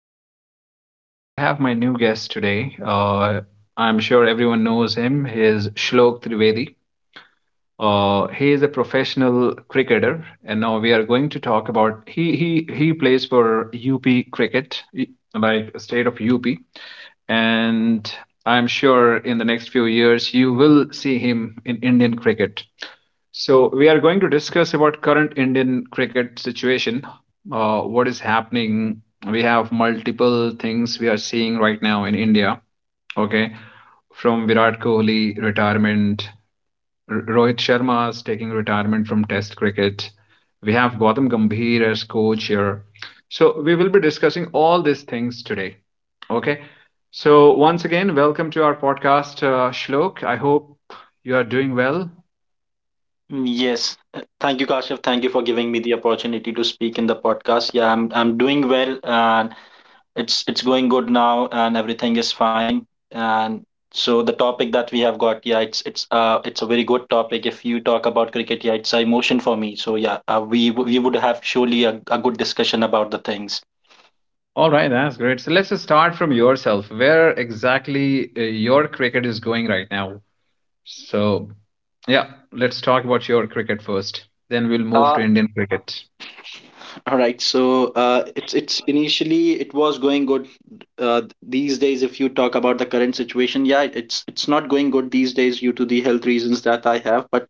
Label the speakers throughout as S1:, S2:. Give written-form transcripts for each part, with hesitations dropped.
S1: Khan. I have my new guest today. I'm sure everyone knows him. He is Shlok Trivedi. He is a professional cricketer, and now we are going to talk about he plays for UP cricket, like state of UP, and I'm sure in the next few years you will see him in Indian cricket. So we are going to discuss about current Indian cricket situation. What is happening? We have multiple things we are seeing right now in India. Okay, from Virat Kohli retirement, Rohit Sharma is taking retirement from Test cricket. We have Gautam Gambhir as coach here. So we will be discussing all these things today. Okay. So once again, welcome to our podcast, Shlok. I hope you are doing well.
S2: Yes. Thank you, Kashif. Thank you for giving me the opportunity to speak in the podcast. Yeah, I'm doing well and it's going good now and everything is fine. And so the topic that we have got, yeah, it's it's a very good topic. If you talk about cricket, yeah, it's a emotion for me. So yeah, we would have surely a good discussion about the things.
S1: All right, that's great. So let's just start from yourself. Where exactly your cricket is going right now? So, yeah, let's talk about your cricket first. Then we'll move
S2: Uh,
S1: to Indian cricket.
S2: All right. So it's initially it was going good. Uh, these days, if you talk about the current situation, yeah, it's not going good these days due to the health reasons that I have. But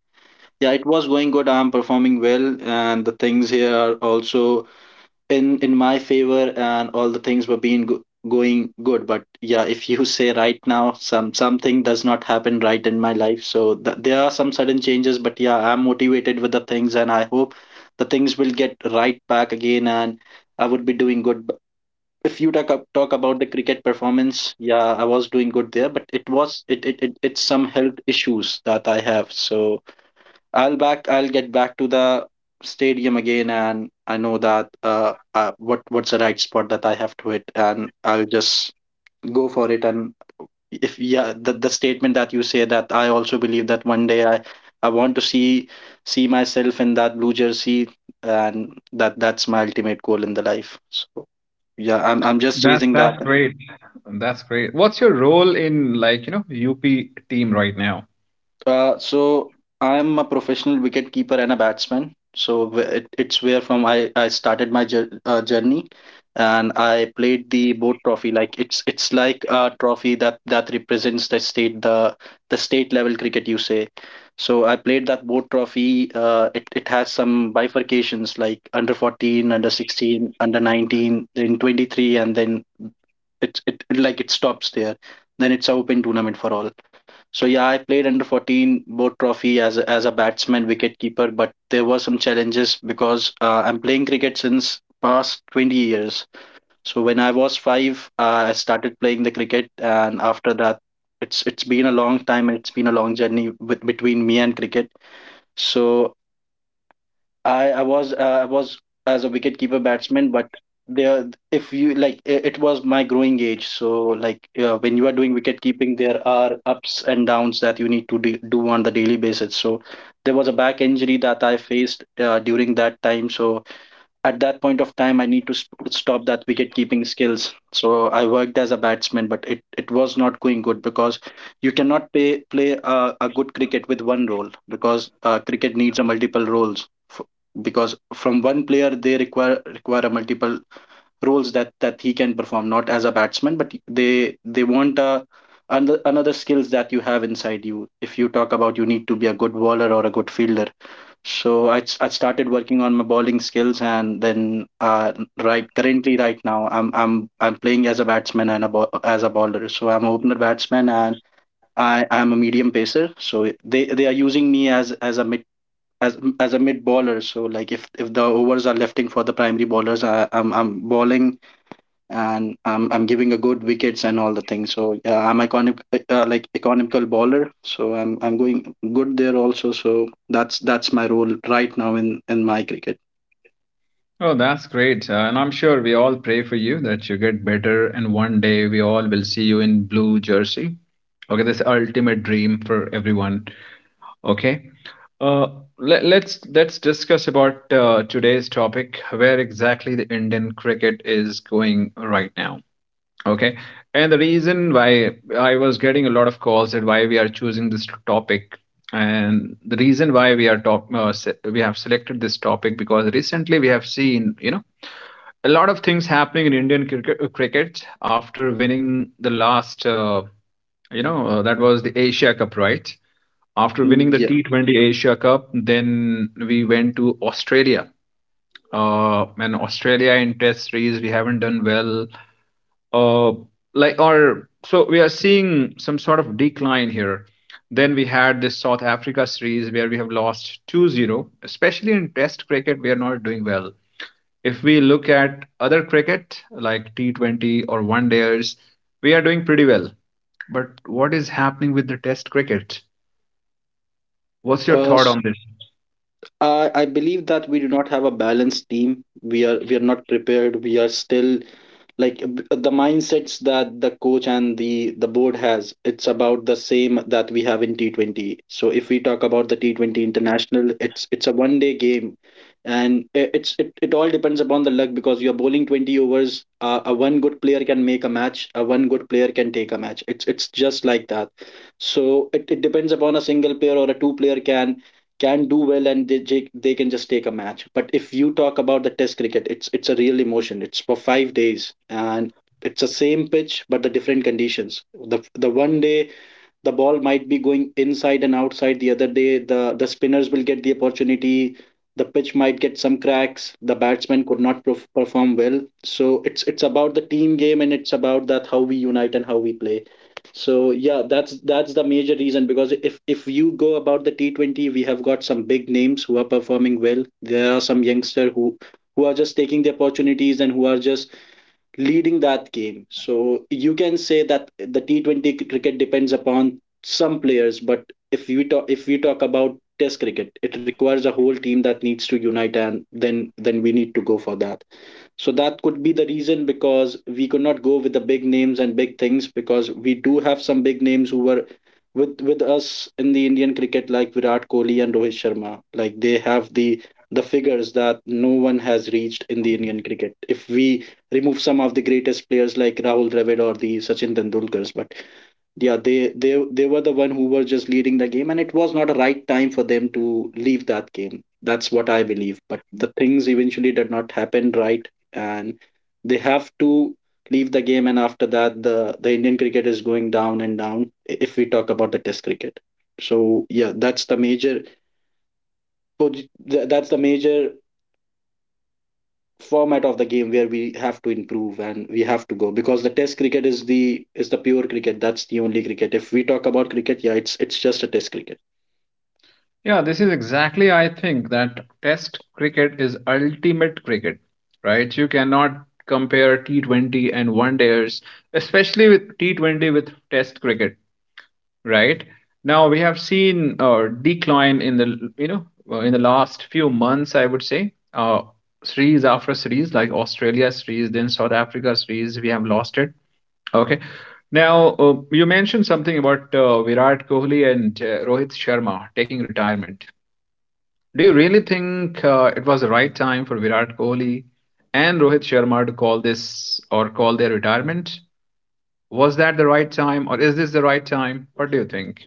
S2: yeah, it was going good. I'm performing well, and the things here are also in my favor and all the things going good. But yeah, if you say right now, something does not happen right in my life, so there are some sudden changes. But yeah, I'm motivated with the things, and I hope the things will get right back again, and I would be doing good. But if you talk about the cricket performance, yeah, I was doing good there, but it was it's some health issues that I have. So I'll back. I'll get back to the stadium again, and I know that what's the right spot that I have to hit, and I'll just go for it. And if yeah, the statement that you say, that I also believe that one day I want to see myself in that blue jersey, and that's my ultimate goal in the life. So yeah, I'm just
S1: That
S2: chasing that.
S1: that's great. That's great. What's your role in like, you know, UP team right now?
S2: So I'm a professional wicket keeper and a batsman. So it's where from I started my journey, and I played the boat trophy. Like it's like a trophy that that represents the state level cricket, you say. So I played that boat trophy. It it has some bifurcations like under 14, under 16, under 19, then 23, and then like it stops there. Then it's a open tournament for all. So yeah, I played under 14 board trophy as as a batsman, wicket keeper. But there were some challenges because I'm playing cricket since past 20 years. So when I was five, I started playing the cricket, and after that, it's been a long time and it's been a long journey between me and cricket. So I was as a wicketkeeper batsman, but there if you it was my growing age. So like when you are doing wicket keeping, there are ups and downs that you need to do on the daily basis. So there was a back injury that I faced during that time. So at that point of time, I need to stop that wicket keeping skills. So I worked as a batsman, but it was not going good because you cannot play a good cricket with one role because cricket needs a multiple because from one player they require a multiple roles that that he can perform, not as a batsman, but they want a another skills that you have inside you. If you talk about, you need to be a good bowler or a good fielder. So I started working on my bowling skills, and then right currently right now I'm playing as a batsman and a as a bowler. So I'm a opener batsman and I'm a medium pacer. So they are using me as a mid bowler. So like if the overs are lifting for the primary bowlers, I'm bowling and I'm giving a good wickets and all the things. So yeah, I'm iconic, like economical bowler. So I'm going good there also. So that's my role right now in my cricket.
S1: Oh, that's great. And I'm sure we all pray for you that you get better and one day we all will see you in blue jersey. Okay, this ultimate dream for everyone. Okay. Uh, let's discuss about today's topic, where exactly the Indian cricket is going right now. Okay, and the reason why I was getting a lot of calls and why we are choosing this topic, and the reason why we are we have selected this topic because recently we have seen you know a lot of things happening in Indian cricket cricket after winning the last that was the Asia Cup, right? After
S2: Mm,
S1: winning the
S2: yeah.
S1: T20 Asia Cup, then we went to Australia. And Australia in test series, we haven't done well. Uh, or so we are seeing some sort of decline here. Then we had this South Africa series where we have lost 2-0. Especially in test cricket, we are not doing well. If we look at other cricket like T20 or one days, we are doing pretty well. But what is happening with the test cricket? What's your
S2: Uh,
S1: thought on this?
S2: I believe that we do not have a balanced team. We are not prepared. We are still the mindsets that the coach and the board has. It's about the same that we have in T 20. So if we talk about the T 20 international, it's a one day game, and it, it all depends upon the luck because you're bowling 20 overs. A one good player can make a match. A one good player can take a match. It's just like that. So it depends upon a single player or a two player can do well and they can just take a match. But if you talk about the Test cricket, it's a real emotion. It's for 5 days and it's the same pitch but the different conditions. The one day the ball might be going inside and outside, the other day the spinners will get the opportunity, the pitch might get some cracks, the batsmen could not perform well. So it's about the team game and it's about that how we unite and how we play. So yeah, that's the major reason, because if you go about the T20, we have got some big names who are performing well. There are some youngster who are just taking the opportunities and who are just leading that game. So you can say that the T20 cricket depends upon some players, but if we talk about Test cricket, it requires a whole team that needs to unite, and then we need to go for that. So that could be the reason, because we could not go with the big names and big things, because we do have some big names who were with us in the Indian cricket, like Virat Kohli and Rohit Sharma. Like they have the figures that no one has reached in the Indian cricket. If we remove some of the greatest players like Rahul Dravid or the Sachin Tendulkars. But yeah, they were the one who were just leading the game, and it was not a right time for them to leave that game. That's what I believe. But the things eventually did not happen right, and they have to leave the game. And after that, the Indian cricket is going down and down, if we talk about the test cricket. So yeah, that's the major, so that's the major format of the game where we have to improve and we have to go, because the test cricket is the pure cricket. That's the only cricket. If we talk about cricket, yeah, it's just a test cricket.
S1: Yeah, this is exactly, I think, that Test cricket is ultimate cricket, right? You cannot compare T20 and one days, especially with T20 with Test cricket, right? Now we have seen decline in the in the last few months, I would say. Series after series, like Australia series, then South Africa series, we have lost it. Okay. Now, you mentioned something about Virat Kohli and Rohit Sharma taking retirement. Do you really think it was the right time for Virat Kohli and Rohit Sharma to call this or call their retirement? Was that the right time or is this the right time? What do you think?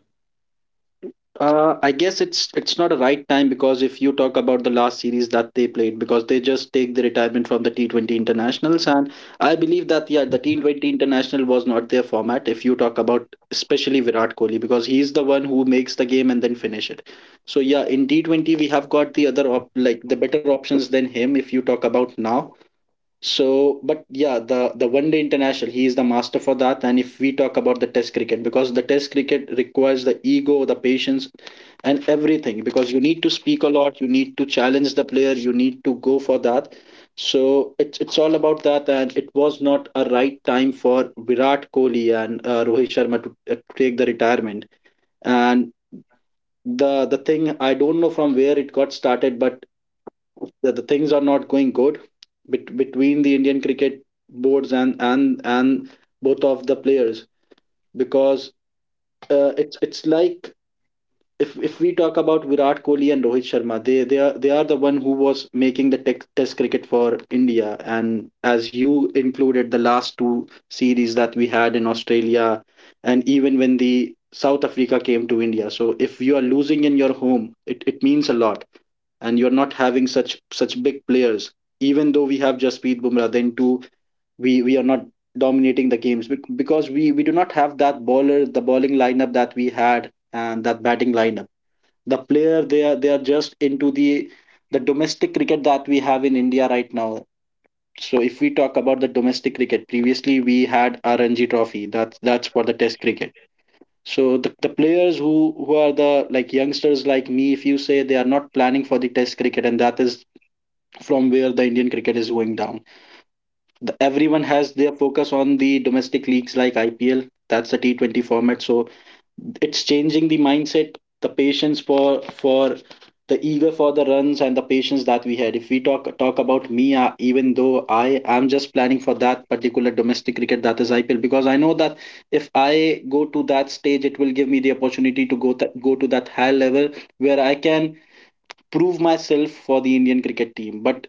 S2: I guess it's not a right time, because if you talk about the last series that they played, because they just take the retirement from the T20 internationals, and I believe that yeah, the T20 international was not their format. If you talk about especially Virat Kohli, because he's the one who makes the game and then finish it. So yeah, in T20 we have got the other like the better options than him. If you talk about now, so, but yeah, the one day international, he is the master for that. And if we talk about the test cricket, because the test cricket requires the ego, the patience, and everything, because you need to speak a lot, you need to challenge the player, you need to go for that. So it's all about that, and it was not a right time for Virat Kohli and Rohit Sharma to take the retirement. And the thing I don't know from where it got started, but that the things are not going good between the Indian cricket boards and both of the players, because it's like if we talk about Virat Kohli and Rohit Sharma, they are the one who was making the test cricket for India. And as you included the last two series that we had in Australia, and even when the South Africa came to India. So if you are losing in your home, it means a lot, and you're not having such big players. Even though we have Jasprit Bumrah, then too we are not dominating the games because we do not have that bowler, the bowling lineup that we had, and that batting lineup. The player, they are just into the domestic cricket that we have in india right now. So if we talk about the domestic cricket, previously we had rng trophy, that's for the test cricket. So the players who are the like youngsters like me, if you say, they are not planning for the test cricket, and that is from where the indian cricket is going down. Everyone has their focus on the domestic leagues like ipl, that's the T20 format. So it's changing the mindset, the patience for the eager for the runs, and the patience that we had. If we talk about me, even though I am just planning for that particular domestic cricket, that is ipl, because I know that if I go to that stage, it will give me the opportunity to go to that high level where I can prove myself for the indian cricket team. But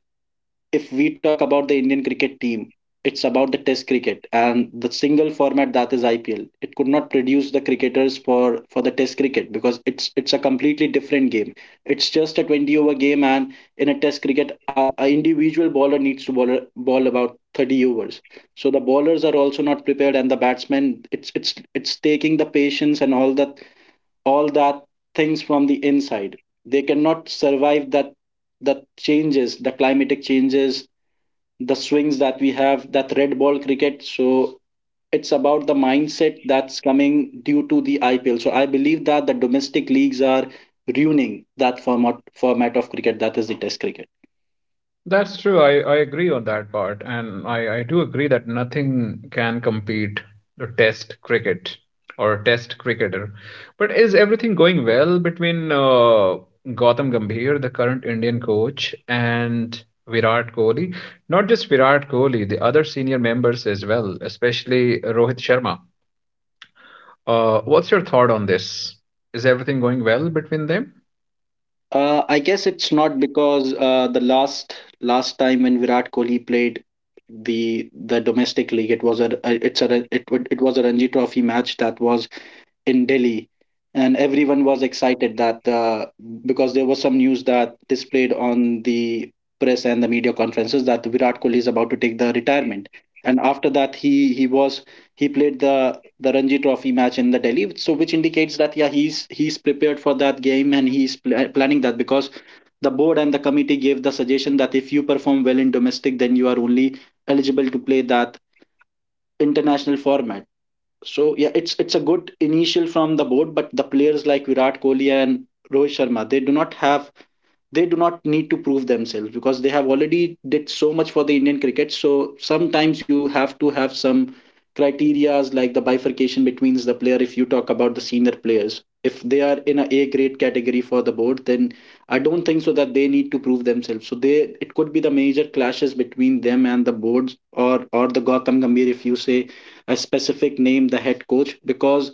S2: if we talk about the Indian cricket team, it's about the test cricket and the single format that is IPL. It could not produce the cricketers for the test cricket because it's a completely different game. It's just a 20 over game, and in a test cricket a individual bowler needs to ball about 30 overs. So the bowlers are also not prepared, and the batsmen, it's taking the patience and all that things from the inside. They cannot survive that, the changes, the climatic changes, the swings that we have, that red ball cricket. So it's about the mindset that's coming due to the IPL. So I believe that the domestic leagues are ruining that format of cricket, that is the test cricket.
S1: That's true. I agree on that part. And I do agree that nothing can compete the test cricket or test cricketer. But is everything going well between Gautam Gambhir, the current Indian coach, and Virat Kohli? Not just Virat Kohli, the other senior members as well, especially Rohit Sharma. What's your thought on this? Is everything going well between them?
S2: I guess it's not, because the last time when virat kohli played the domestic league, it was a it's a it was a ranji trophy match that was in Delhi, and everyone was excited that because there was some news that displayed on the press and the media conferences that Virat Kohli is about to take the retirement. And after that, he was he played the Ranji Trophy match in the Delhi, so which indicates that yeah, he's prepared for that game and planning that because the board and the committee gave the suggestion that if you perform well in domestic, then you are only eligible to play that international format. So yeah, it's a good initial from the board, but the players like Virat Kohli and Rohit Sharma, they do not need to prove themselves because they have already did so much for the indian cricket. So sometimes you have to have some criterias like the bifurcation between the player. If you talk about the senior players, if they are in a grade category for the board, then I don't think so that they need to prove themselves. So they, it could be the major clashes between them and the boards, or or the Gautam Gambhir, if you say a specific name, the head coach. Because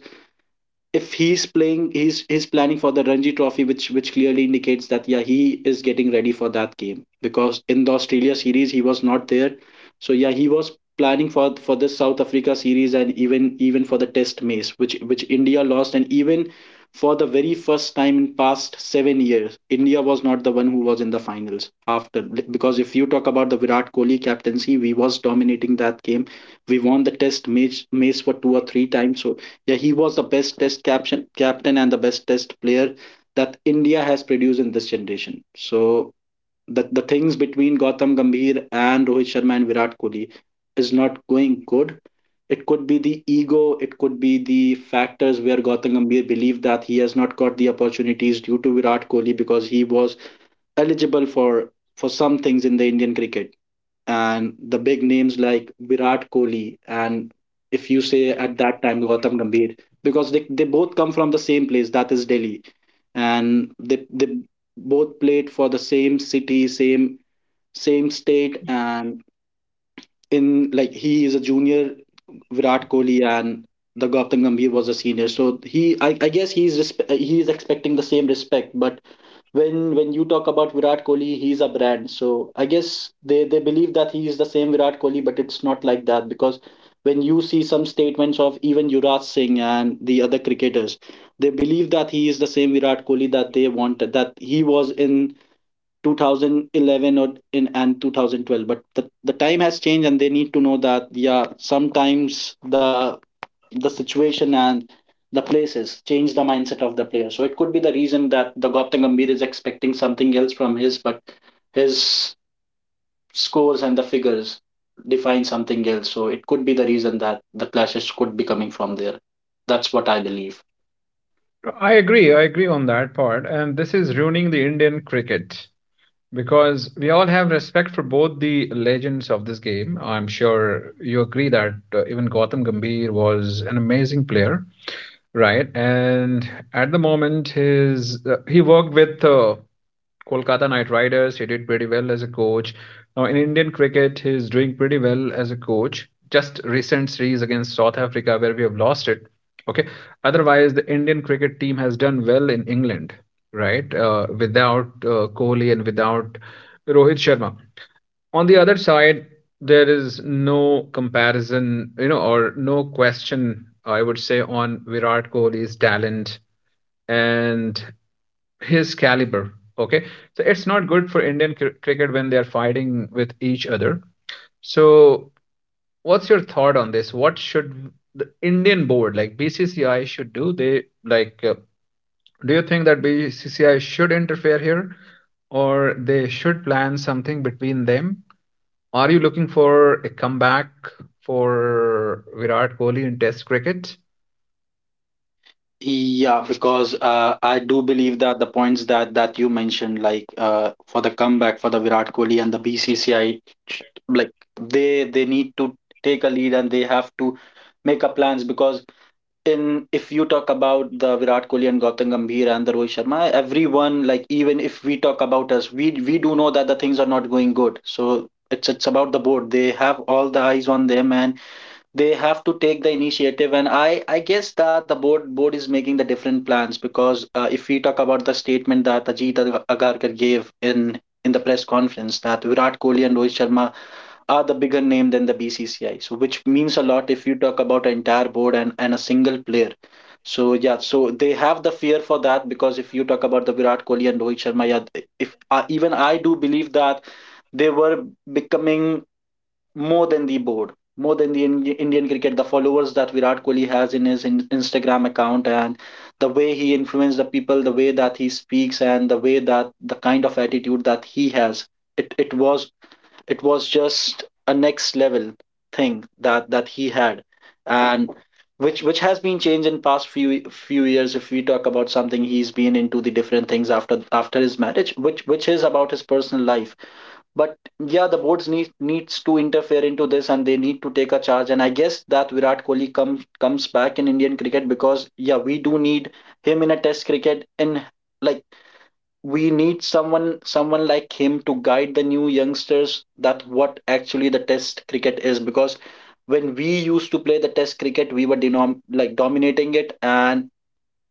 S2: if he's playing, he's planning for the Ranji trophy, which clearly indicates that yeah, he is getting ready for that game, because in the Australia series he was not there. So yeah, he was planning for this South Africa series, and even even for the test match which India lost, and even for the very first time in past 7 years India was not the one who was in the finals after. Because if you talk about the Virat Kohli captaincy, we was dominating that game. We won the test match for two or three times. So yeah, he was the best test captain and the best test player that India has produced in this generation. So the things between Gautam Gambhir and Rohit Sharma and Virat Kohli is not going good. It could be the ego, it could be the factors where Gautam Gambhir believed that he has not got the opportunities due to Virat Kohli because he was eligible for some things in the Indian cricket, and the big names like Virat Kohli and, if you say at that time, Gautam Gambhir, because they both come from the same place, that is Delhi, and they both played for the same city, same same state, and in like he is a junior Virat Kohli, and the Gautam Gambhir was a senior. So he, I guess he is expecting the same respect. But when you talk about Virat Kohli, he's a brand. So I guess they believe that he is the same Virat Kohli, but it's not like that. Because when you see some statements of even Yuvraj Singh and the other cricketers, they believe that he is the same Virat Kohli that they wanted, that he was in 2011 or in and 2012. But the time has changed, and they need to know that yeah, sometimes the situation and the places change the mindset of the player. So it could be the reason that the Gautam Gambhir is expecting something else from his, but his scores and the figures define something else. So it could be the reason that the clashes could be coming from there. That's what I believe.
S1: I agree. I agree on that part. And this is ruining the Indian cricket because we all have respect for both the legends of this game. I'm sure you agree that even Gautam Gambhir was an amazing player. Right, and at the moment, his he worked with Kolkata Knight Riders. He did pretty well as a coach. Now in Indian cricket, he's doing pretty well as a coach. Just recent series against South Africa where we have lost it. Okay, otherwise the Indian cricket team has done well in England, right? Without Kohli and without Rohit Sharma on the other side, there is no comparison, you know, or no question, I would say, on Virat Kohli's talent and his caliber. Okay. So it's not good for Indian cricket when they are fighting with each other. So, what's your thought on this? What should the Indian board, like BCCI, should do? Do you think that BCCI should interfere here, or they should plan something between them? Are you looking for a comeback for Virat Kohli in Test cricket?
S2: Yeah, because I do believe that the points that you mentioned, like for the comeback for the Virat Kohli and the BCCI, like they need to take a lead, and they have to make a plans. Because in, if you talk about the Virat Kohli and Gautam Gambhir and the Rohit Sharma, everyone, like even if we talk about us, we do know that the things are not going good. So it's about the board. They have all the eyes on them, and they have to take the initiative. And I guess that the board is making the different plans, because if we talk about the statement that Ajit Agarkar gave in the press conference, that Virat Kohli and Rohit Sharma are the bigger name than the BCCI. So which means a lot if you talk about an entire board and a single player. So yeah, so they have the fear for that. Because if you talk about the Virat Kohli and Rohit Sharma, yeah, if even I do believe that they were becoming more than the board, more than the Indian cricket. The followers that Virat Kohli has in his Instagram account, and the way he influences the people, the way that he speaks, and the way that the kind of attitude that he has, it it was just a next level thing that he had. And which has been changed in past few years. If we talk about something, he's been into the different things after after his marriage, which is about his personal life. But yeah, the boards needs to interfere into this, and they need to take a charge. And I guess that virat kohli comes back in indian cricket, because yeah, we do need him in a test cricket, in like we need someone like him to guide the new youngsters, that what actually the test cricket is. Because when we used to play the test cricket we were dominating it, and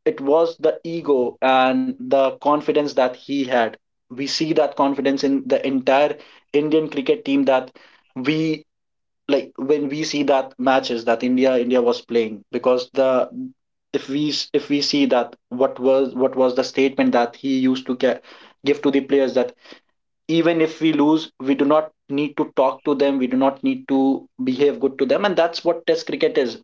S2: it was the ego and the confidence that he had. We see that confidence in the entire indian cricket team, that we, like when we see that matches that India was playing. Because the, if we see that what was the statement that he used to get, give to the players, that even if we lose, we do not need to talk to them. We do not need to behave good to them. And that's what Test cricket is.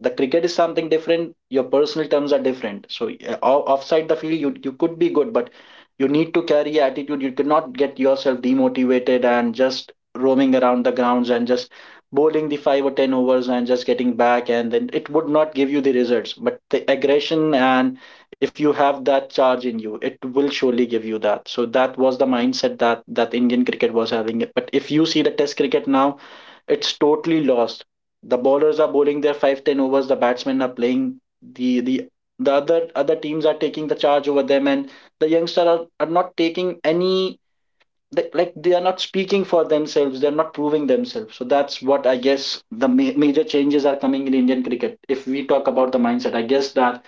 S2: The cricket is something different. Your personal terms are different. So offside the field, you could be good, but you need to carry attitude. You cannot get yourself demotivated and just roaming around the grounds and just bowling the five or ten overs and just getting back, and then it would not give you the results. But the aggression, and if you have that charge in you, it will surely give you that. So that was the mindset that Indian cricket was having. But if you see the Test cricket now, it's totally lost. The bowlers are bowling their 5-10 overs, the batsmen are playing, the the other teams are taking the charge over them, and the youngsters are, not taking any. They, like, they are not speaking for themselves, they're not proving themselves. So that's what, I guess, the major changes are coming in Indian cricket. If we talk about the mindset, I guess that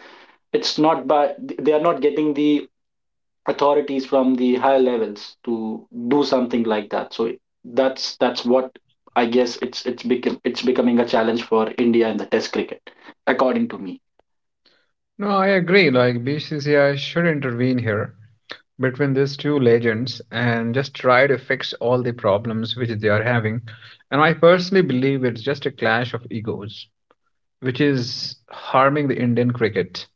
S2: it's not by, they are not getting the authorities from the higher levels to do something like that. So that's what I guess, it's become it's becoming a challenge for India in the Test cricket, according to me.
S1: No, I agree. Like BCCI should intervene here between these two legends and just try to fix all the problems which they are having. And I personally believe it's just a clash of egos, which is harming the Indian cricket.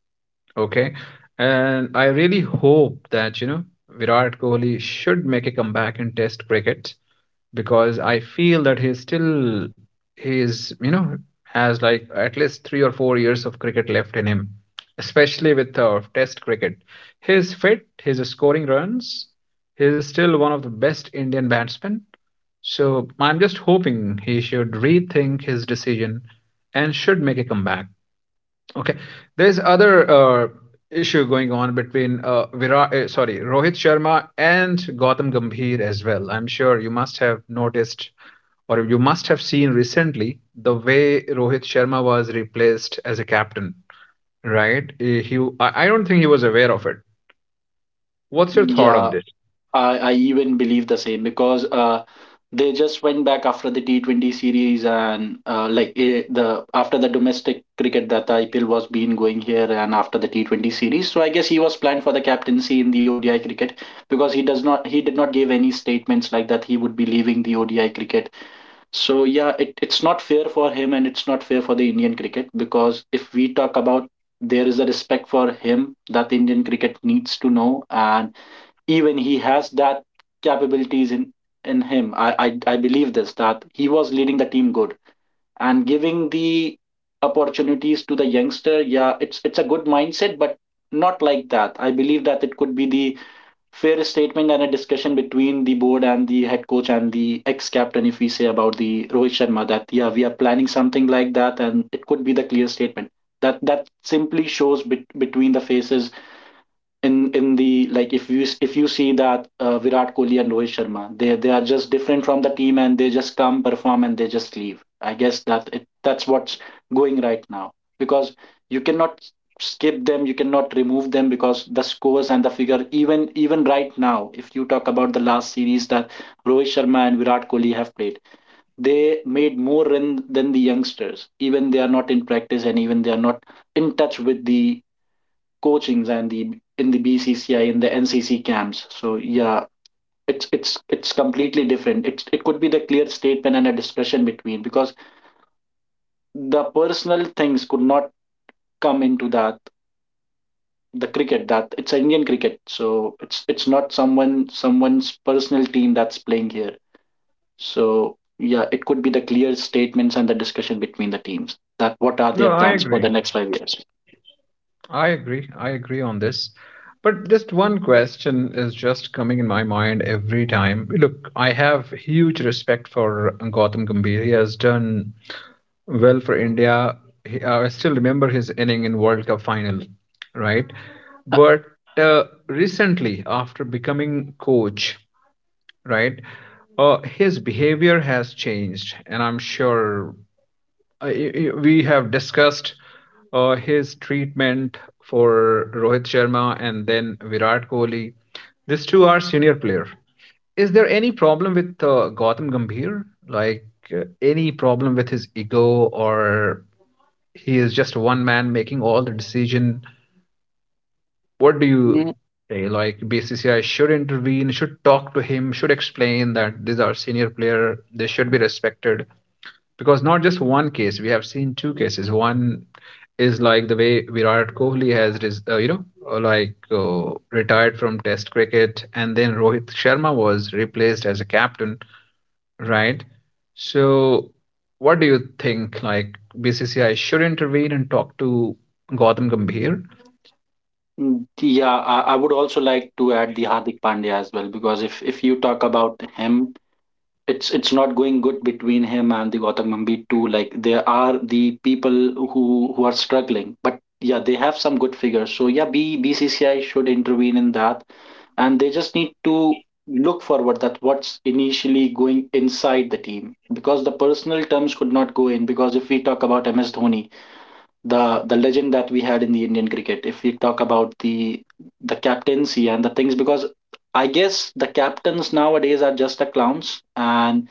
S1: Okay. And I really hope that, you know, Virat Kohli should make a comeback in Test cricket because I feel that he's still he's you know has like at least 3 or 4 years of cricket left in him, especially with Test cricket. He's fit. He's scoring runs. He's still one of the best Indian batsmen. So I'm just hoping he should rethink his decision and should make a comeback. Okay, there's other issue going on between Rohit Sharma and Gautam Gambhir as well. I'm sure you must have noticed or you must have seen recently the way Rohit Sharma was replaced as a captain, right? I don't think he was aware of it. What's your thought on
S2: Yeah,
S1: this?
S2: I even believe the same, because they just went back after the T20 series, and like, eh, the after the domestic cricket, that the IPL was been going here, and after the T20 series. So I guess he was planned for the captaincy in the ODI cricket, because he did not give any statements like that he would be leaving the ODI cricket. So yeah, it's not fair for him, and it's not fair for the Indian cricket, because if we talk about, there is a respect for him that Indian cricket needs to know, and even he has that capabilities in him. I believe this, that he was leading the team good, and giving the opportunities to the youngster. Yeah, it's a good mindset, but not like that. I believe that it could be the fairest statement and a discussion between the board and the head coach and the ex-captain, if we say about the Rohit Sharma, that yeah, we are planning something like that, and it could be the clear statement that simply shows between the faces in the, like, if you see that Virat Kohli and Rohit Sharma, they are just different from the team, and they just come perform and they just leave. I guess that that's what's going right now, because you cannot skip them, you cannot remove them, because the scores and the figure, even right now, if you talk about the last series that Rohit Sharma and Virat Kohli have played, they made more run than the youngsters. Even they are not in practice, and even they are not in touch with the coachings and the, in the BCCI, in the NCC camps. So yeah, it's completely different. It could be the clear statement and a discussion between, because the personal things could not come into that, the cricket, that it's Indian cricket. So it's not someone's personal team that's playing here. So yeah, it could be the clear statements and the discussion between the teams, that what are
S1: No,
S2: their
S1: I
S2: plans for
S1: agree.
S2: the next 5 years.
S1: I agree. I agree on this. But just one question is just coming in my mind every time. Look, I have huge respect for Gautam Gambhir. He has done well for India. I still remember his inning in World Cup final, right? But recently, after becoming coach, right, his behavior has changed, and I'm sure we have discussed his treatment for Rohit Sharma and then Virat Kohli. These two are senior player. Is there any problem with Gautam Gambhir? Like any problem with his ego or he is just one man making all the decision. What do you say? Like BCCI should intervene, should talk to him, should explain that these are senior player, they should be respected. Because not just one case, we have seen two cases. One is like the way Virat Kohli has, retired from Test cricket, and then Rohit Sharma was replaced as a captain. Right. So, what do you think? Like, BCCI should intervene and talk to Gautam Gambhir?
S2: Mm, yeah, I would also like to add the Hardik Pandya as well, because if you talk about him, it's not going good between him and the Gautam Gambhir too. Like, there are the people who who are struggling, but yeah, they have some good figures. So yeah, BCCI should intervene in that, and they just need to look forward, that what's initially going inside the team, because the personal terms could not go in. Because if we talk about MS Dhoni, the legend that we had in the Indian cricket. If we talk about the captaincy and the things, because I guess the captains nowadays are just the clowns, and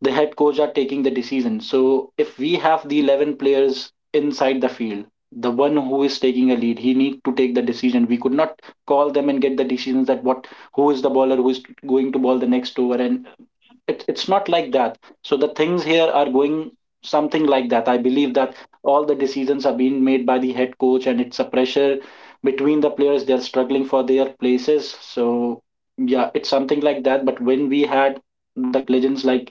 S2: the head coach are taking the decision. So if we have the 11 players inside the field, the one who is taking a lead, he need to take the decision. We could not call them and get the decisions, that what, who is the bowler, who is going to bowl the next over. And it's not like that. So the things here are going something like that, I believe, that all the decisions are being made by the head coach, and it's a pressure between the players, they're struggling for their places. So yeah, it's something like that. But when we had the legends like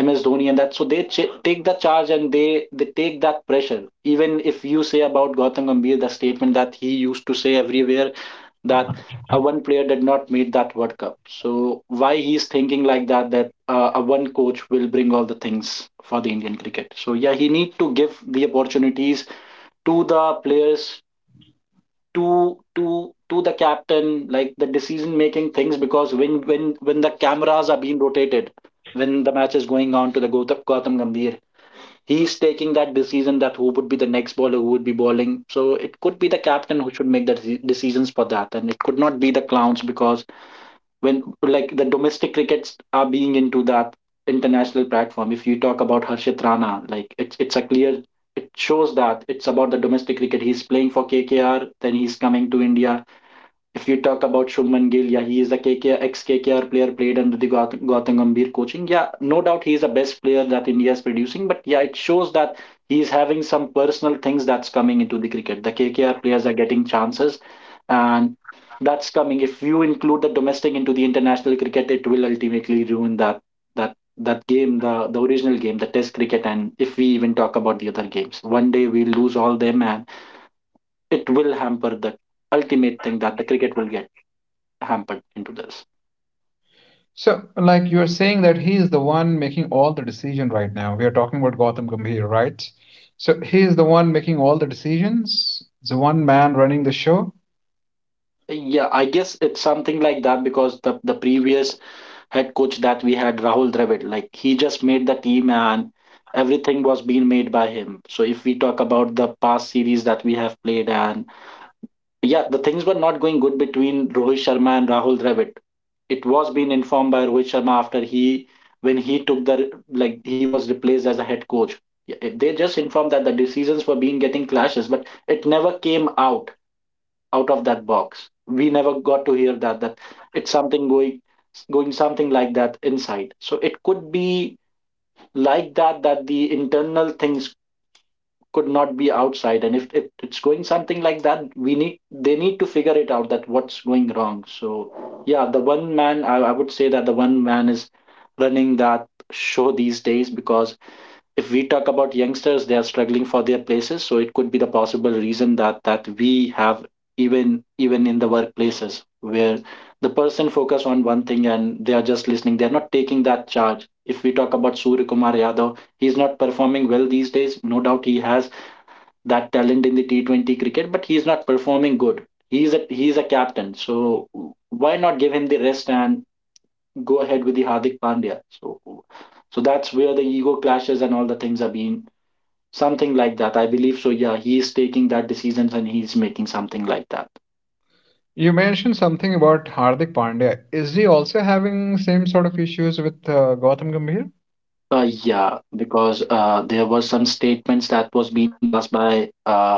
S2: MS Dhoni and that, so they take the charge, and they take that pressure. Even if you say about Gautam Gambhir, the statement that he used to say everywhere, that a one player did not meet that World Cup. So why he's thinking like that, that a one coach will bring all the things for the Indian cricket. So yeah, he need to give the opportunities to the players, to the captain, like the decision making things. Because when the cameras are being rotated, when the match is going on, to the Gautam Gambhir, he's taking that decision, that who would be the next bowler, who would be bowling. So it could be the captain who should make the decisions for that, and it could not be the clowns. Because when, like, the domestic crickets are being into that international platform, if you talk about Harshit Rana, like, it's a clear, it shows that it's about the domestic cricket. He's playing for KKR, then he's coming to India. If you talk about Shubman Gill, yeah, he is a KKR, ex-KKR player, played under the Gautam Gambhir coaching. Yeah, no doubt he is the best player that India is producing. But yeah, it shows that he is having some personal things that's coming into the cricket. The KKR players are getting chances, and that's coming. If you include the domestic into the international cricket, it will ultimately ruin that game, the original game, the Test cricket. And if we even talk about the other games, one day we'll lose all them, and it will hamper the ultimate thing, that the cricket will get hampered into this.
S1: So, like, you're saying that he is the one making all the decision right now. We are talking about Gautam Gambhir, right? So, he is the one making all the decisions, the one man running the show.
S2: Yeah, I guess it's something like that, because the previous head coach that we had, Rahul Dravid, like, he just made the team, and everything was being made by him. So if we talk about the past series that we have played, and yeah, the things were not going good between Rohit Sharma and Rahul Dravid. It was being informed by Rohit Sharma, after he, when he took the, like, he was replaced as a head coach. Yeah, they just informed that the decisions were being getting clashes, but it never came out of that box. We never got to hear that it's something going something like that inside. So it could be like that, that the internal things could not be outside. And if it's going something like that, we need they need to figure it out, that what's going wrong. So yeah, the one man, I would say that the one man is running that show these days, because if we talk about youngsters, they are struggling for their places. So it could be the possible reason, that we have, even in the workplaces, where the person focus on one thing and they are just listening. They are not taking that charge. If we talk about Surya Kumar Yadav, he is not performing well these days. No doubt he has that talent in the T20 cricket, but he is not performing good. He is a captain. So why not give him the rest and go ahead with the Hardik Pandya? So that's where the ego clashes and all the things are being, something like that, I believe. So yeah, he is taking that decisions and he's making something like that.
S1: You mentioned something about Hardik Pandya. Is he also having same sort of issues with Gautam Gambhir?
S2: Yeah, because there were some statements that was being passed by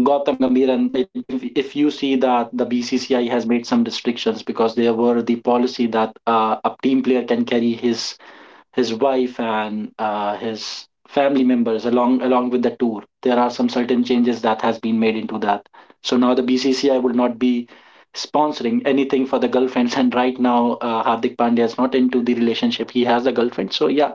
S2: Gautam Gambhir, and if you see that the BCCI has made some restrictions, because there were the policy that a team player can carry his wife and his family members along with the tour. There are some certain changes that has been made into that. So now the BCCI will not be sponsoring anything for the girlfriends. And right now, Hardik Pandya is not into the relationship, he has a girlfriend. So yeah,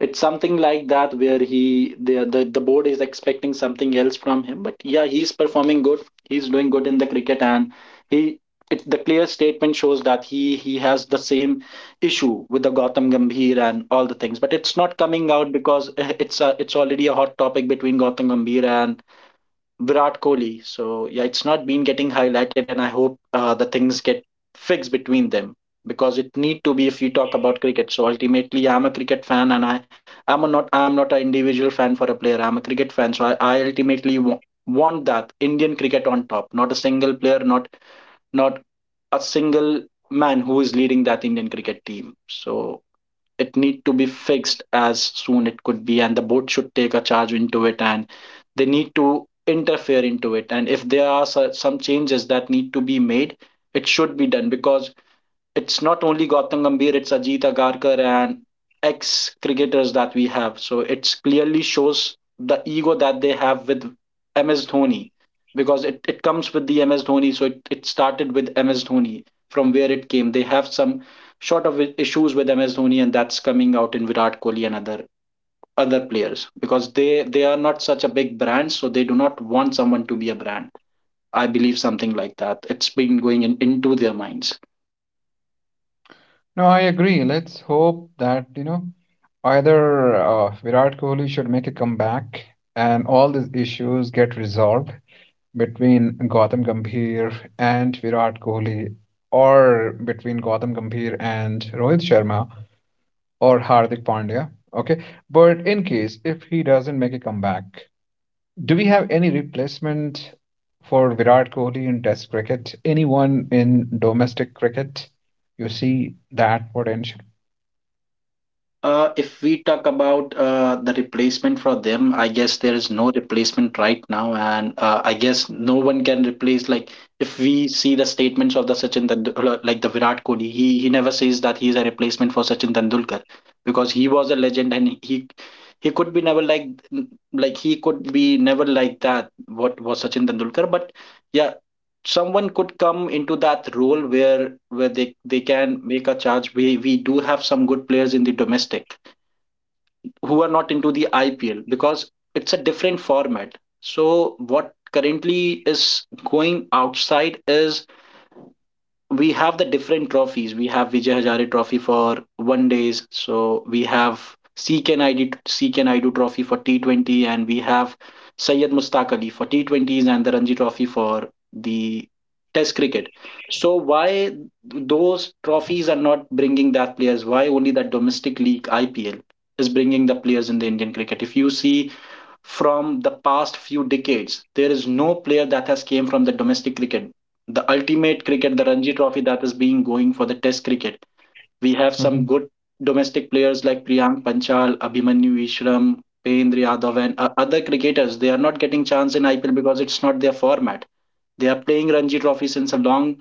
S2: it's something like that, where he the board is expecting something else from him. But yeah, he's performing good, he's doing good in the cricket, and he the clear statement shows that he has the same issue with the Gautam Gambhir and all the things. But it's not coming out, because it's already a hot topic between Gautam Gambhir and Virat Kohli. So yeah, it's not been getting highlighted, and I hope the things get fixed between them, because it need to be. If we talk about cricket, so ultimately, I'm a cricket fan, and I'm not an individual fan for a player. I'm a cricket fan, so I ultimately want that Indian cricket on top, not a single player, not a single man who is leading that Indian cricket team. So it need to be fixed as soon it could be, and the board should take a charge into it, and they need to interfere into it. And if there are some changes that need to be made, it should be done, because it's not only Gautam Gambhir, it's Ajit Agarkar and ex cricketers that we have. So it clearly shows the ego that they have with MS Dhoni because it comes with the MS Dhoni. So it started with MS Dhoni from where it came. They have some sort of issues with MS Dhoni, and that's coming out in Virat Kohli and other players because they are not such a big brand, so they do not want someone to be a brand. I believe something like that it's been going into their minds.
S1: No, I agree. Let's hope that, you know, either Virat Kohli should make a comeback and all these issues get resolved between Gautam Gambhir and Virat Kohli, or between Gautam Gambhir and Rohit Sharma or Hardik Pandya. Okay. But in case if he doesn't make a comeback, do we have any replacement for Virat Kohli in Test cricket? Anyone in domestic cricket? You see that potential?
S2: If we talk about the replacement for them, I guess there is no replacement right now, and I guess no one can replace. Like, if we see the statements of the Sachin Tendulkar, like the Virat Kohli, he never says that he is a replacement for Sachin Tendulkar because he was a legend, and he could be never like he could be never like that. What was Sachin Tendulkar? But yeah, someone could come into that role where they can make a charge. We do have some good players in the domestic who are not into the IPL because it's a different format. So what currently is going outside is we have the different trophies. We have Vijay Hazare Trophy for one days. So we have CK Naidu, CK Naidu Trophy for T20, and we have Syed Mustaq Ali for T20s and the Ranji Trophy for the Test cricket. So why those trophies are not bringing that players? Why only that domestic league IPL is bringing the players in the Indian cricket? If you see from the past few decades. There is no player that has came from the domestic cricket. The ultimate cricket, the Ranji Trophy that is being going for the Test cricket. We have some good domestic players like Priyank Panchal, Abhimanyu Ishram, Pendra Yadav, and other cricketers. They are not getting chance in IPL because it's not their format. They are playing Ranji Trophy since a long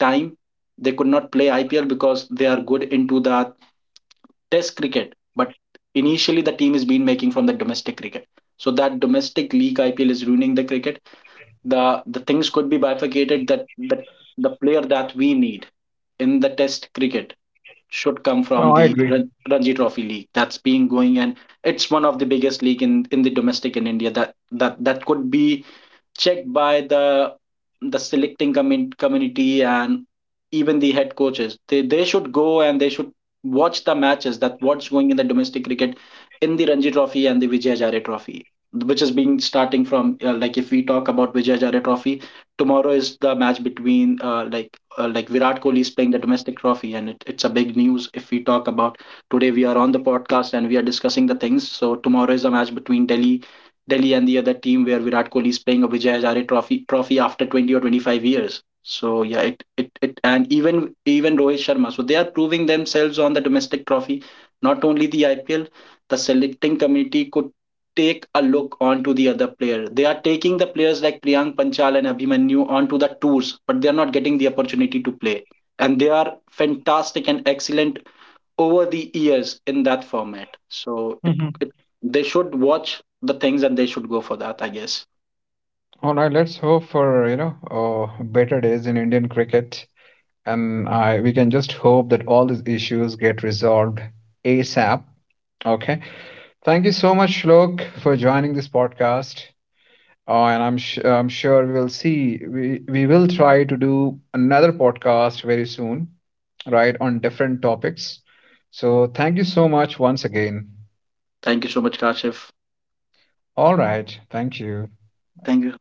S2: time. They could not play IPL because they are good into the test cricket, but initially the team is been making from the domestic cricket, so that domestic league IPL is ruining the cricket. The things could be bifurcated that the player that we need in the test cricket should come
S1: Oh,
S2: from
S1: I
S2: the
S1: agree.
S2: Ranji Trophy League that's being going, and it's one of the biggest league in the domestic in India that that could be checked by the selecting community, and even the head coaches they should go and they should watch the matches that what's going in the domestic cricket, in the Ranji Trophy and the Vijay Hazare Trophy, which is being starting from like, if we talk about Vijay Hazare Trophy, tomorrow is the match between like Virat Kohli is playing the domestic trophy, and it's a big news. If we talk about, today we are on the podcast and we are discussing the things, so tomorrow is a match between Delhi and the other team where Virat Kohli is playing a Vijay Hazare trophy after 20 or 25 years. So yeah, it and even Rohit Sharma. So they are proving themselves on the domestic trophy, not only the IPL. The selecting committee could take a look onto the other player. They are taking the players like Priyank Panchal and Abhimanyu onto the tours, but they are not getting the opportunity to play. And they are fantastic and excellent over the years in that format. So it,
S1: Mhm.
S2: it they should watch the things and they should go for that, I guess.
S1: All right, let's hope for, you know, better days in Indian cricket. And I We can just hope that all these issues get resolved ASAP. Okay. Thank you so much, Shlok, for joining this podcast. And I'm sure we will try to do another podcast very soon, right, on different topics. So thank you so much once again.
S2: Thank you so much, Kashif.
S1: All right. Thank you.
S2: Thank you.